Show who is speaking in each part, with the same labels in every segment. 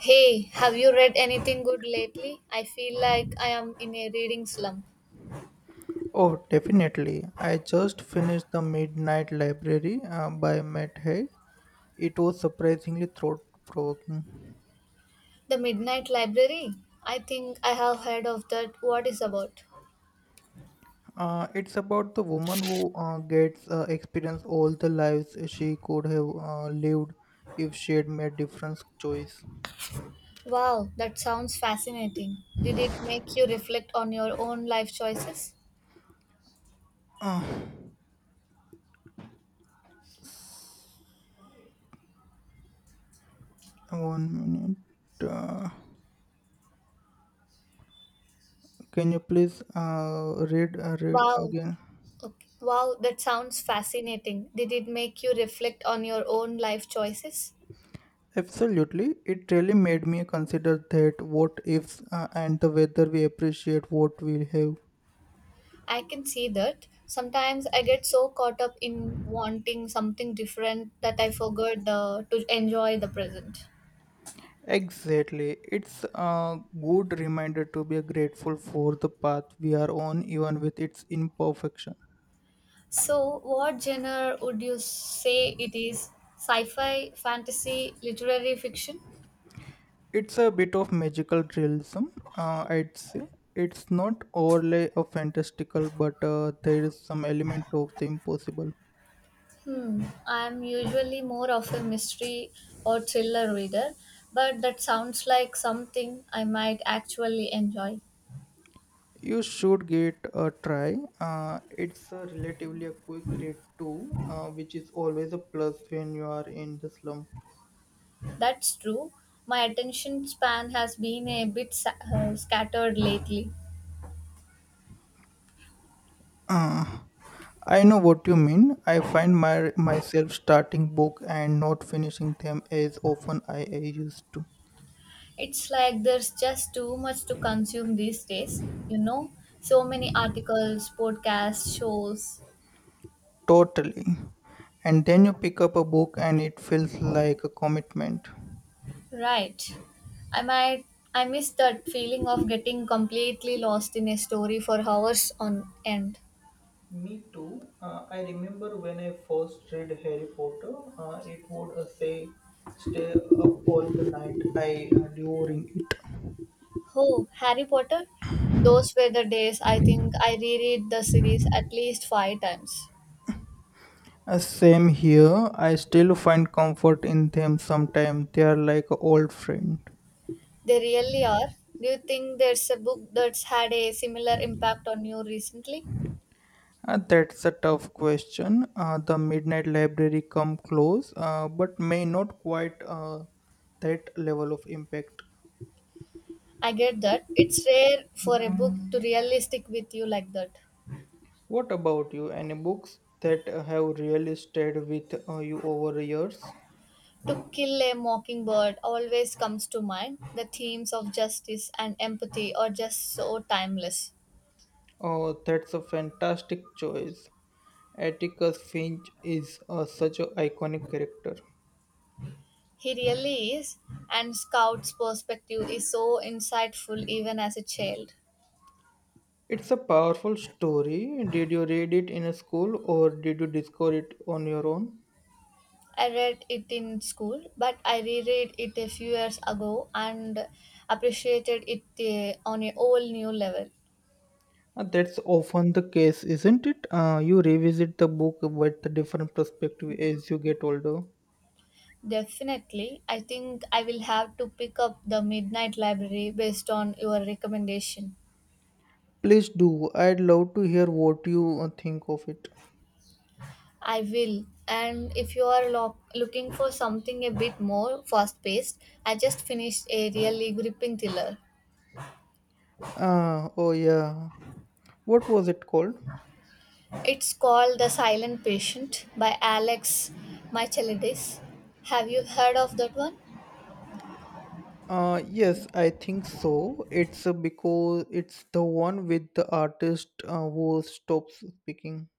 Speaker 1: Hey, have you read anything good lately? I feel like I am in a reading slump.
Speaker 2: Oh, definitely. I just finished The Midnight Library by Matt Haig. It was surprisingly thought provoking.
Speaker 1: The Midnight Library? I think I have heard of that. What is about?
Speaker 2: It's about the woman who gets experience all the lives she could have lived if she had made different choice.
Speaker 1: Wow, that sounds fascinating. Did it make you reflect on your own life choices?
Speaker 2: Uh, 1 minute. Uh, can you please read read
Speaker 1: Wow.
Speaker 2: again?
Speaker 1: Okay. Wow, that sounds fascinating. Did it make you reflect on your own life choices?
Speaker 2: Absolutely. It really made me consider that what ifs and the whether we appreciate what we have.
Speaker 1: I can see that. Sometimes I get so caught up in wanting something different that I forgot to enjoy the present.
Speaker 2: Exactly. It's a good reminder to be grateful for the path we are on, even with its imperfection.
Speaker 1: So, what genre would you say it is? Sci fi, fantasy, literary fiction?
Speaker 2: It's a bit of magical realism, I'd say. It's not overly a fantastical, but there is some element of the impossible.
Speaker 1: Hmm, I'm usually more of a mystery or thriller reader, but that sounds like something I might actually enjoy.
Speaker 2: You should get a try. It's a relatively a quick read too, which is always a plus when you are in the slump.
Speaker 1: That's true. My attention span has been a bit scattered lately.
Speaker 2: Uh, I know what you mean. I find my myself starting book and not finishing them as often I, used to.
Speaker 1: It's like there's just too much to consume these days, you know? So many articles, podcasts, shows.
Speaker 2: Totally. And then you pick up a book and it feels like a commitment.
Speaker 1: Right. I might I miss that feeling of getting completely lost in a story for hours on end.
Speaker 2: Me too. I remember when I first read Harry Potter, it would say, stay up all the night. I adoring it.
Speaker 1: Oh, Harry Potter? Those were the days I think I reread the series at least five times.
Speaker 2: Same here. I still find comfort in them sometimes. They are like an old friend.
Speaker 1: They really are. Do you think there's a book that's had a similar impact on you recently?
Speaker 2: That's a tough question. The Midnight Library come close, but may not quite that level of impact.
Speaker 1: I get that. It's rare for a book to really stick with you like that.
Speaker 2: What about you? Any books that have really stayed with you over the years?
Speaker 1: To Kill a Mockingbird always comes to mind. The themes of justice and empathy are just so timeless.
Speaker 2: Oh, that's a fantastic choice. Atticus Finch is such an iconic character.
Speaker 1: He really is, and Scout's perspective is so insightful even as a child.
Speaker 2: It's a powerful story. Did you read it in a school or did you discover it on your own?
Speaker 1: I read it in school, but I reread it a few years ago and appreciated it on a whole new level.
Speaker 2: That's often the case, isn't it? You revisit the book with a different perspective as you get older.
Speaker 1: Definitely, I think I will have to pick up the Midnight Library based on your recommendation.
Speaker 2: Please do. I'd love to hear what you think of it.
Speaker 1: I will. And if you are looking for something a bit more fast paced, I just finished a really gripping thriller.
Speaker 2: Oh, yeah. What was it called?
Speaker 1: It's called The Silent Patient by Alex Michaelidis. Have you heard of that one?
Speaker 2: Yes, I think so. It's because it's the one with the artist who stops speaking.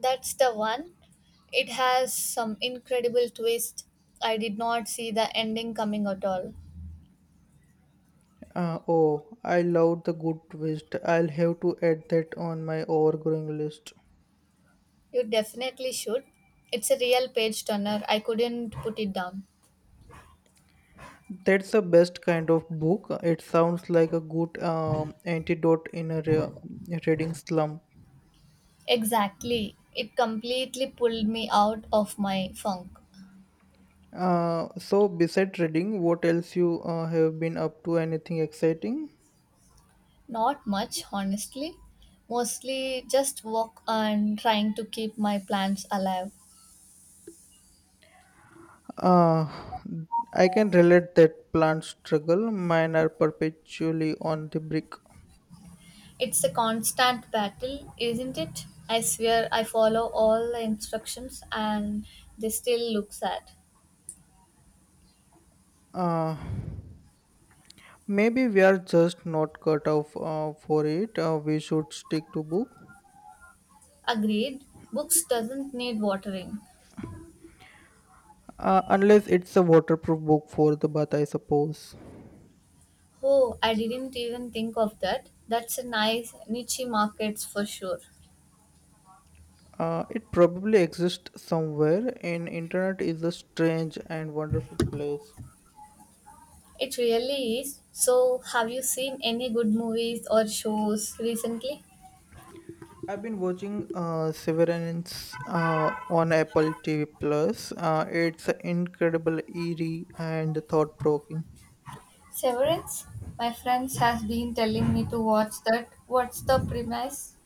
Speaker 1: That's the one. It has some incredible twist. I did not see the ending coming at all.
Speaker 2: Oh, I love the good twist. I'll have to add that on my overgrowing list.
Speaker 1: You definitely should. It's a real page turner. I couldn't put it down.
Speaker 2: That's the best kind of book. It sounds like a good antidote in a reading slump.
Speaker 1: Exactly. It completely pulled me out of my funk.
Speaker 2: So, besides reading, what else you have been up to? Anything exciting?
Speaker 1: Not much, honestly. Mostly just work and trying to keep my plans alive.
Speaker 2: Uh, I can relate that plant struggle. Mine are perpetually on the brick.
Speaker 1: It's a constant battle, isn't it? I swear I follow all the instructions and they still look sad.
Speaker 2: Uh, Maybe we are just not cut off for it. We should stick to book,
Speaker 1: Agreed. Books doesn't need watering.
Speaker 2: unless it's a waterproof book for the bath, I suppose.
Speaker 1: Oh, I didn't even think of that. That's a nice niche markets for sure.
Speaker 2: It probably exists somewhere, and internet is a strange and wonderful place.
Speaker 1: It really is. So, have you seen any good movies or shows recently?
Speaker 2: I've been watching Severance on Apple TV Plus. It's incredible, eerie, and thought-provoking.
Speaker 1: Severance? My friends has been telling me to watch that. What's the premise?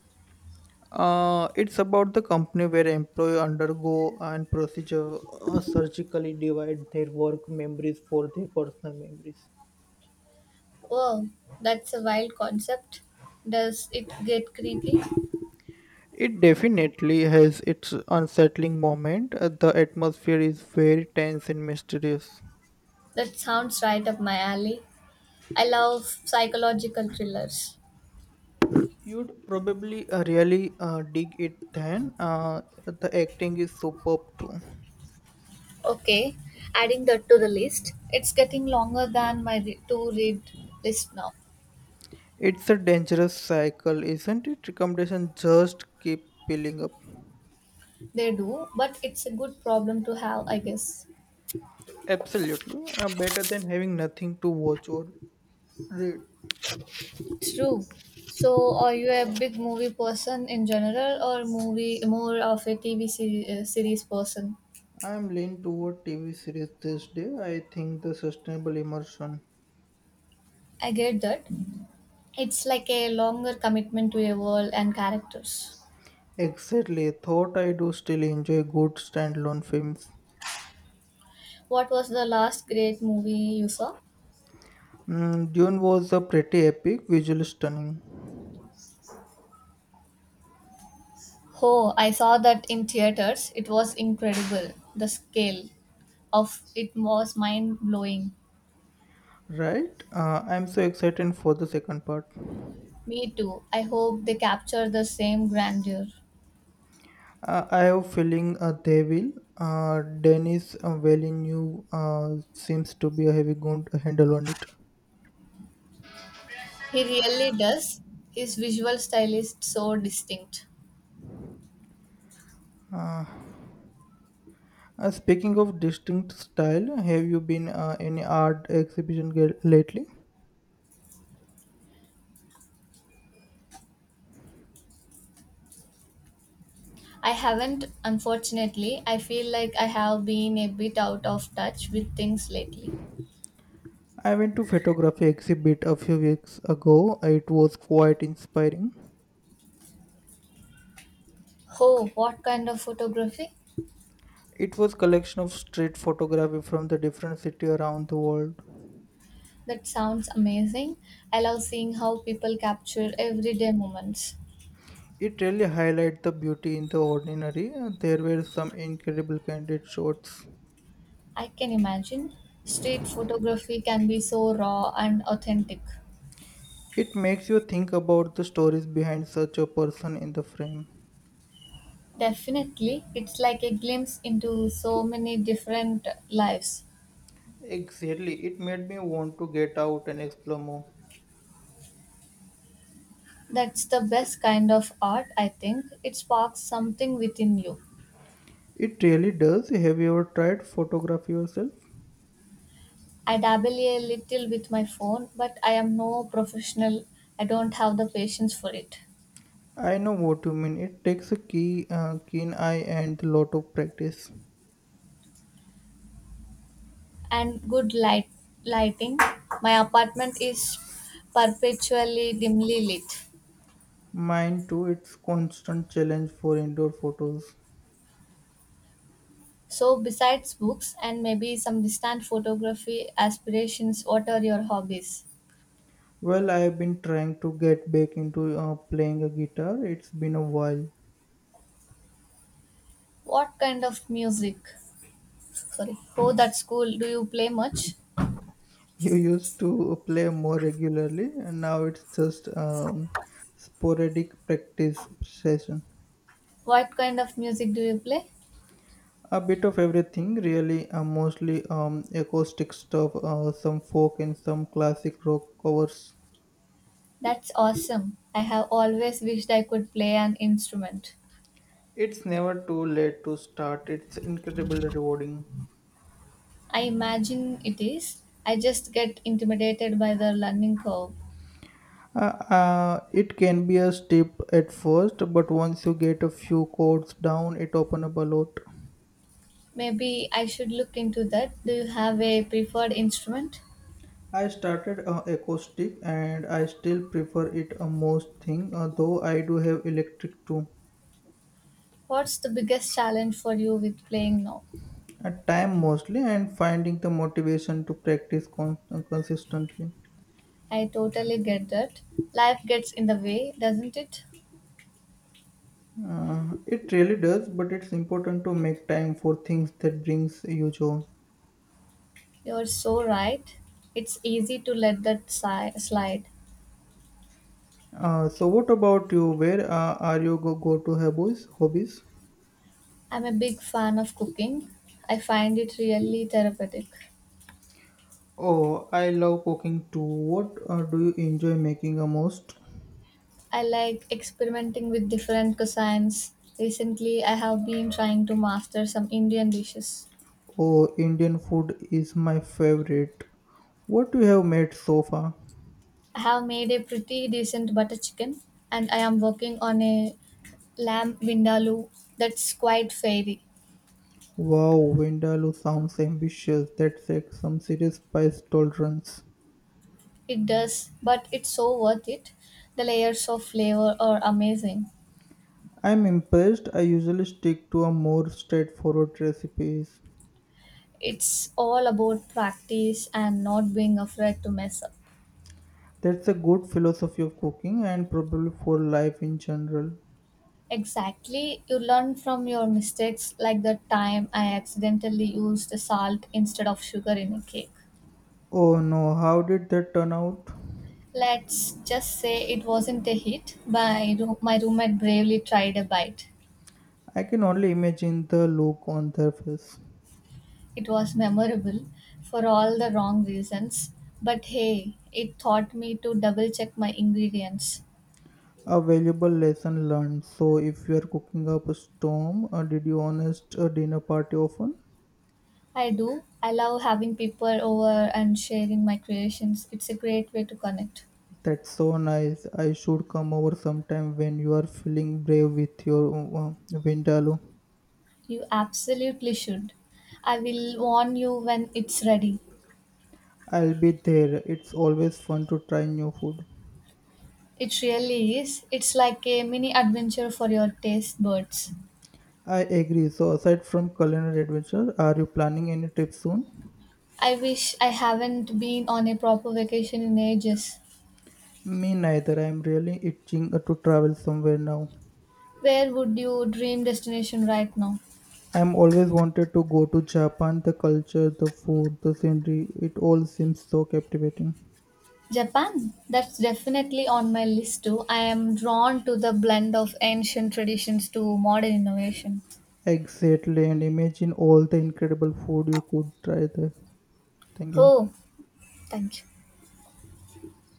Speaker 2: It's about the company where employees undergo and procedure surgically divide their work memories for their personal memories.
Speaker 1: Wow, that's a wild concept. Does it get creepy?
Speaker 2: It definitely has its unsettling moment. The atmosphere is very tense and mysterious.
Speaker 1: That sounds right up my alley. I love psychological thrillers.
Speaker 2: You'd probably really dig it then. The acting is superb too.
Speaker 1: Okay, adding that to the list. It's getting longer than my to read list now.
Speaker 2: It's a dangerous cycle, isn't it? Recommendations just keep piling up.
Speaker 1: They do, but it's a good problem to have, I guess.
Speaker 2: Absolutely. Better than having nothing to watch or read.
Speaker 1: True. So, are you a big movie person in general, or movie more of a TV series person?
Speaker 2: I'm leaning toward TV series this day. I think the sustainable immersion.
Speaker 1: I get that. It's like a longer commitment to a world and characters.
Speaker 2: Exactly. Thought I do still enjoy good standalone films.
Speaker 1: What was the last great movie you saw?
Speaker 2: Mm, Dune was a pretty epic, visually stunning.
Speaker 1: Oh, I saw that in theaters. It was incredible. The scale of it was mind blowing.
Speaker 2: Right? I'm so excited for the second part.
Speaker 1: Me too. I hope they capture the same grandeur.
Speaker 2: I have feeling they will. Dennis Villeneuve seems to be a heavy gun to handle on it.
Speaker 1: He really does. His visual style is so distinct.
Speaker 2: Uh, Speaking of distinct style, have you been any art exhibition lately?
Speaker 1: I haven't, unfortunately. I feel like I have been a bit out of touch with things lately.
Speaker 2: I went to photography exhibit a few weeks ago. It was quite inspiring.
Speaker 1: Oh, what kind of photography?
Speaker 2: It was collection of street photography from the different city around the world.
Speaker 1: That sounds amazing. I love seeing how people capture everyday moments.
Speaker 2: It really highlights the beauty in the ordinary. And there were some incredible candid shots.
Speaker 1: I can imagine. Street photography can be so raw and authentic.
Speaker 2: It makes you think about the stories behind such a person in the frame.
Speaker 1: Definitely, it's like a glimpse into so many different lives.
Speaker 2: Exactly, it made me want to get out and explore more.
Speaker 1: That's the best kind of art, I think. It sparks something within you.
Speaker 2: It really does. Have you ever tried photography yourself?
Speaker 1: I dabble a little with my phone, but I am no professional. I don't have the patience for it.
Speaker 2: I know what you mean. It takes a keen eye and a lot of practice.
Speaker 1: And good lighting. My apartment is perpetually dimly lit.
Speaker 2: Mine too. It's constant challenge for indoor photos.
Speaker 1: So besides books and maybe some distant photography aspirations, what are your hobbies?
Speaker 2: Well, I've been trying to get back into playing a guitar. It's been a while.
Speaker 1: What kind of music? Sorry. Oh, that's cool. Do you play much?
Speaker 2: You used to play more regularly, and now it's just sporadic practice session.
Speaker 1: What kind of music do you play?
Speaker 2: A bit of everything, really. Mostly acoustic stuff, some folk and some classic rock covers.
Speaker 1: That's awesome. I have always wished I could play an instrument.
Speaker 2: It's never too late to start. It's incredibly rewarding.
Speaker 1: I imagine it is. I just get intimidated by the learning curve.
Speaker 2: It can be a step at first, but once you get a few chords down, it opens up a lot.
Speaker 1: Maybe I should look into that. Do you have a preferred instrument?
Speaker 2: I started acoustic and I still prefer it a most thing though I do have electric too
Speaker 1: What's the biggest challenge for you with playing now?
Speaker 2: at time mostly and finding the motivation to practice consistently.
Speaker 1: I totally get that. Life gets in the way, doesn't it?
Speaker 2: Uh, it really does, but it's important to make time for things that brings you joy.
Speaker 1: You're so right. It's easy to let that slide.
Speaker 2: Uh, so what about you, where are you go to hobbies?
Speaker 1: I'm a big fan of cooking. I find it really therapeutic.
Speaker 2: Oh, I love cooking too. What do you enjoy making the most?
Speaker 1: I like experimenting with different cuisines. Recently, I have been trying to master some Indian dishes.
Speaker 2: Oh, Indian food is my favorite. What you have made so far?
Speaker 1: I have made a pretty decent butter chicken, and I am working on a lamb vindaloo that's quite fairy.
Speaker 2: Wow, Vindaloo sounds ambitious. That takes some serious spice tolerance.
Speaker 1: It does, but it's so worth it. The layers of flavor are amazing.
Speaker 2: I'm impressed. I usually stick to a more straightforward recipes.
Speaker 1: It's all about practice and not being afraid to mess up.
Speaker 2: That's a good philosophy of cooking and probably for life in general.
Speaker 1: Exactly. You learn from your mistakes, like the time I accidentally used salt instead of sugar in a cake.
Speaker 2: Oh no, how did that turn out?
Speaker 1: Let's just say it wasn't a hit, but my roommate bravely tried a bite.
Speaker 2: I can only imagine the look on their face.
Speaker 1: It was memorable for all the wrong reasons, but hey, it taught me to double check my ingredients.
Speaker 2: A valuable lesson learned. So, if you are cooking up a storm, did you honest a dinner party often?
Speaker 1: I do. I love having people over and sharing my creations. It's a great way to connect.
Speaker 2: That's so nice. I should come over sometime when you are feeling brave with your vindaloo.
Speaker 1: You absolutely should. I will warn you when it's ready.
Speaker 2: I'll be there. It's always fun to try new food.
Speaker 1: It really is. It's like a mini adventure for your taste buds.
Speaker 2: I agree. So, aside from culinary adventure, are you planning any trip soon?
Speaker 1: I wish I haven't been on a proper vacation in ages.
Speaker 2: Me neither. I'm really itching to travel somewhere now.
Speaker 1: Where would your dream destination right now?
Speaker 2: I'm always wanted to go to Japan. The culture, the food, the scenery, it all seems so captivating.
Speaker 1: Japan. That's definitely on my list too. I am drawn to the blend of ancient traditions to modern innovation.
Speaker 2: Exactly, and imagine all the incredible food you could try there. Thank you.
Speaker 1: Oh, thank you.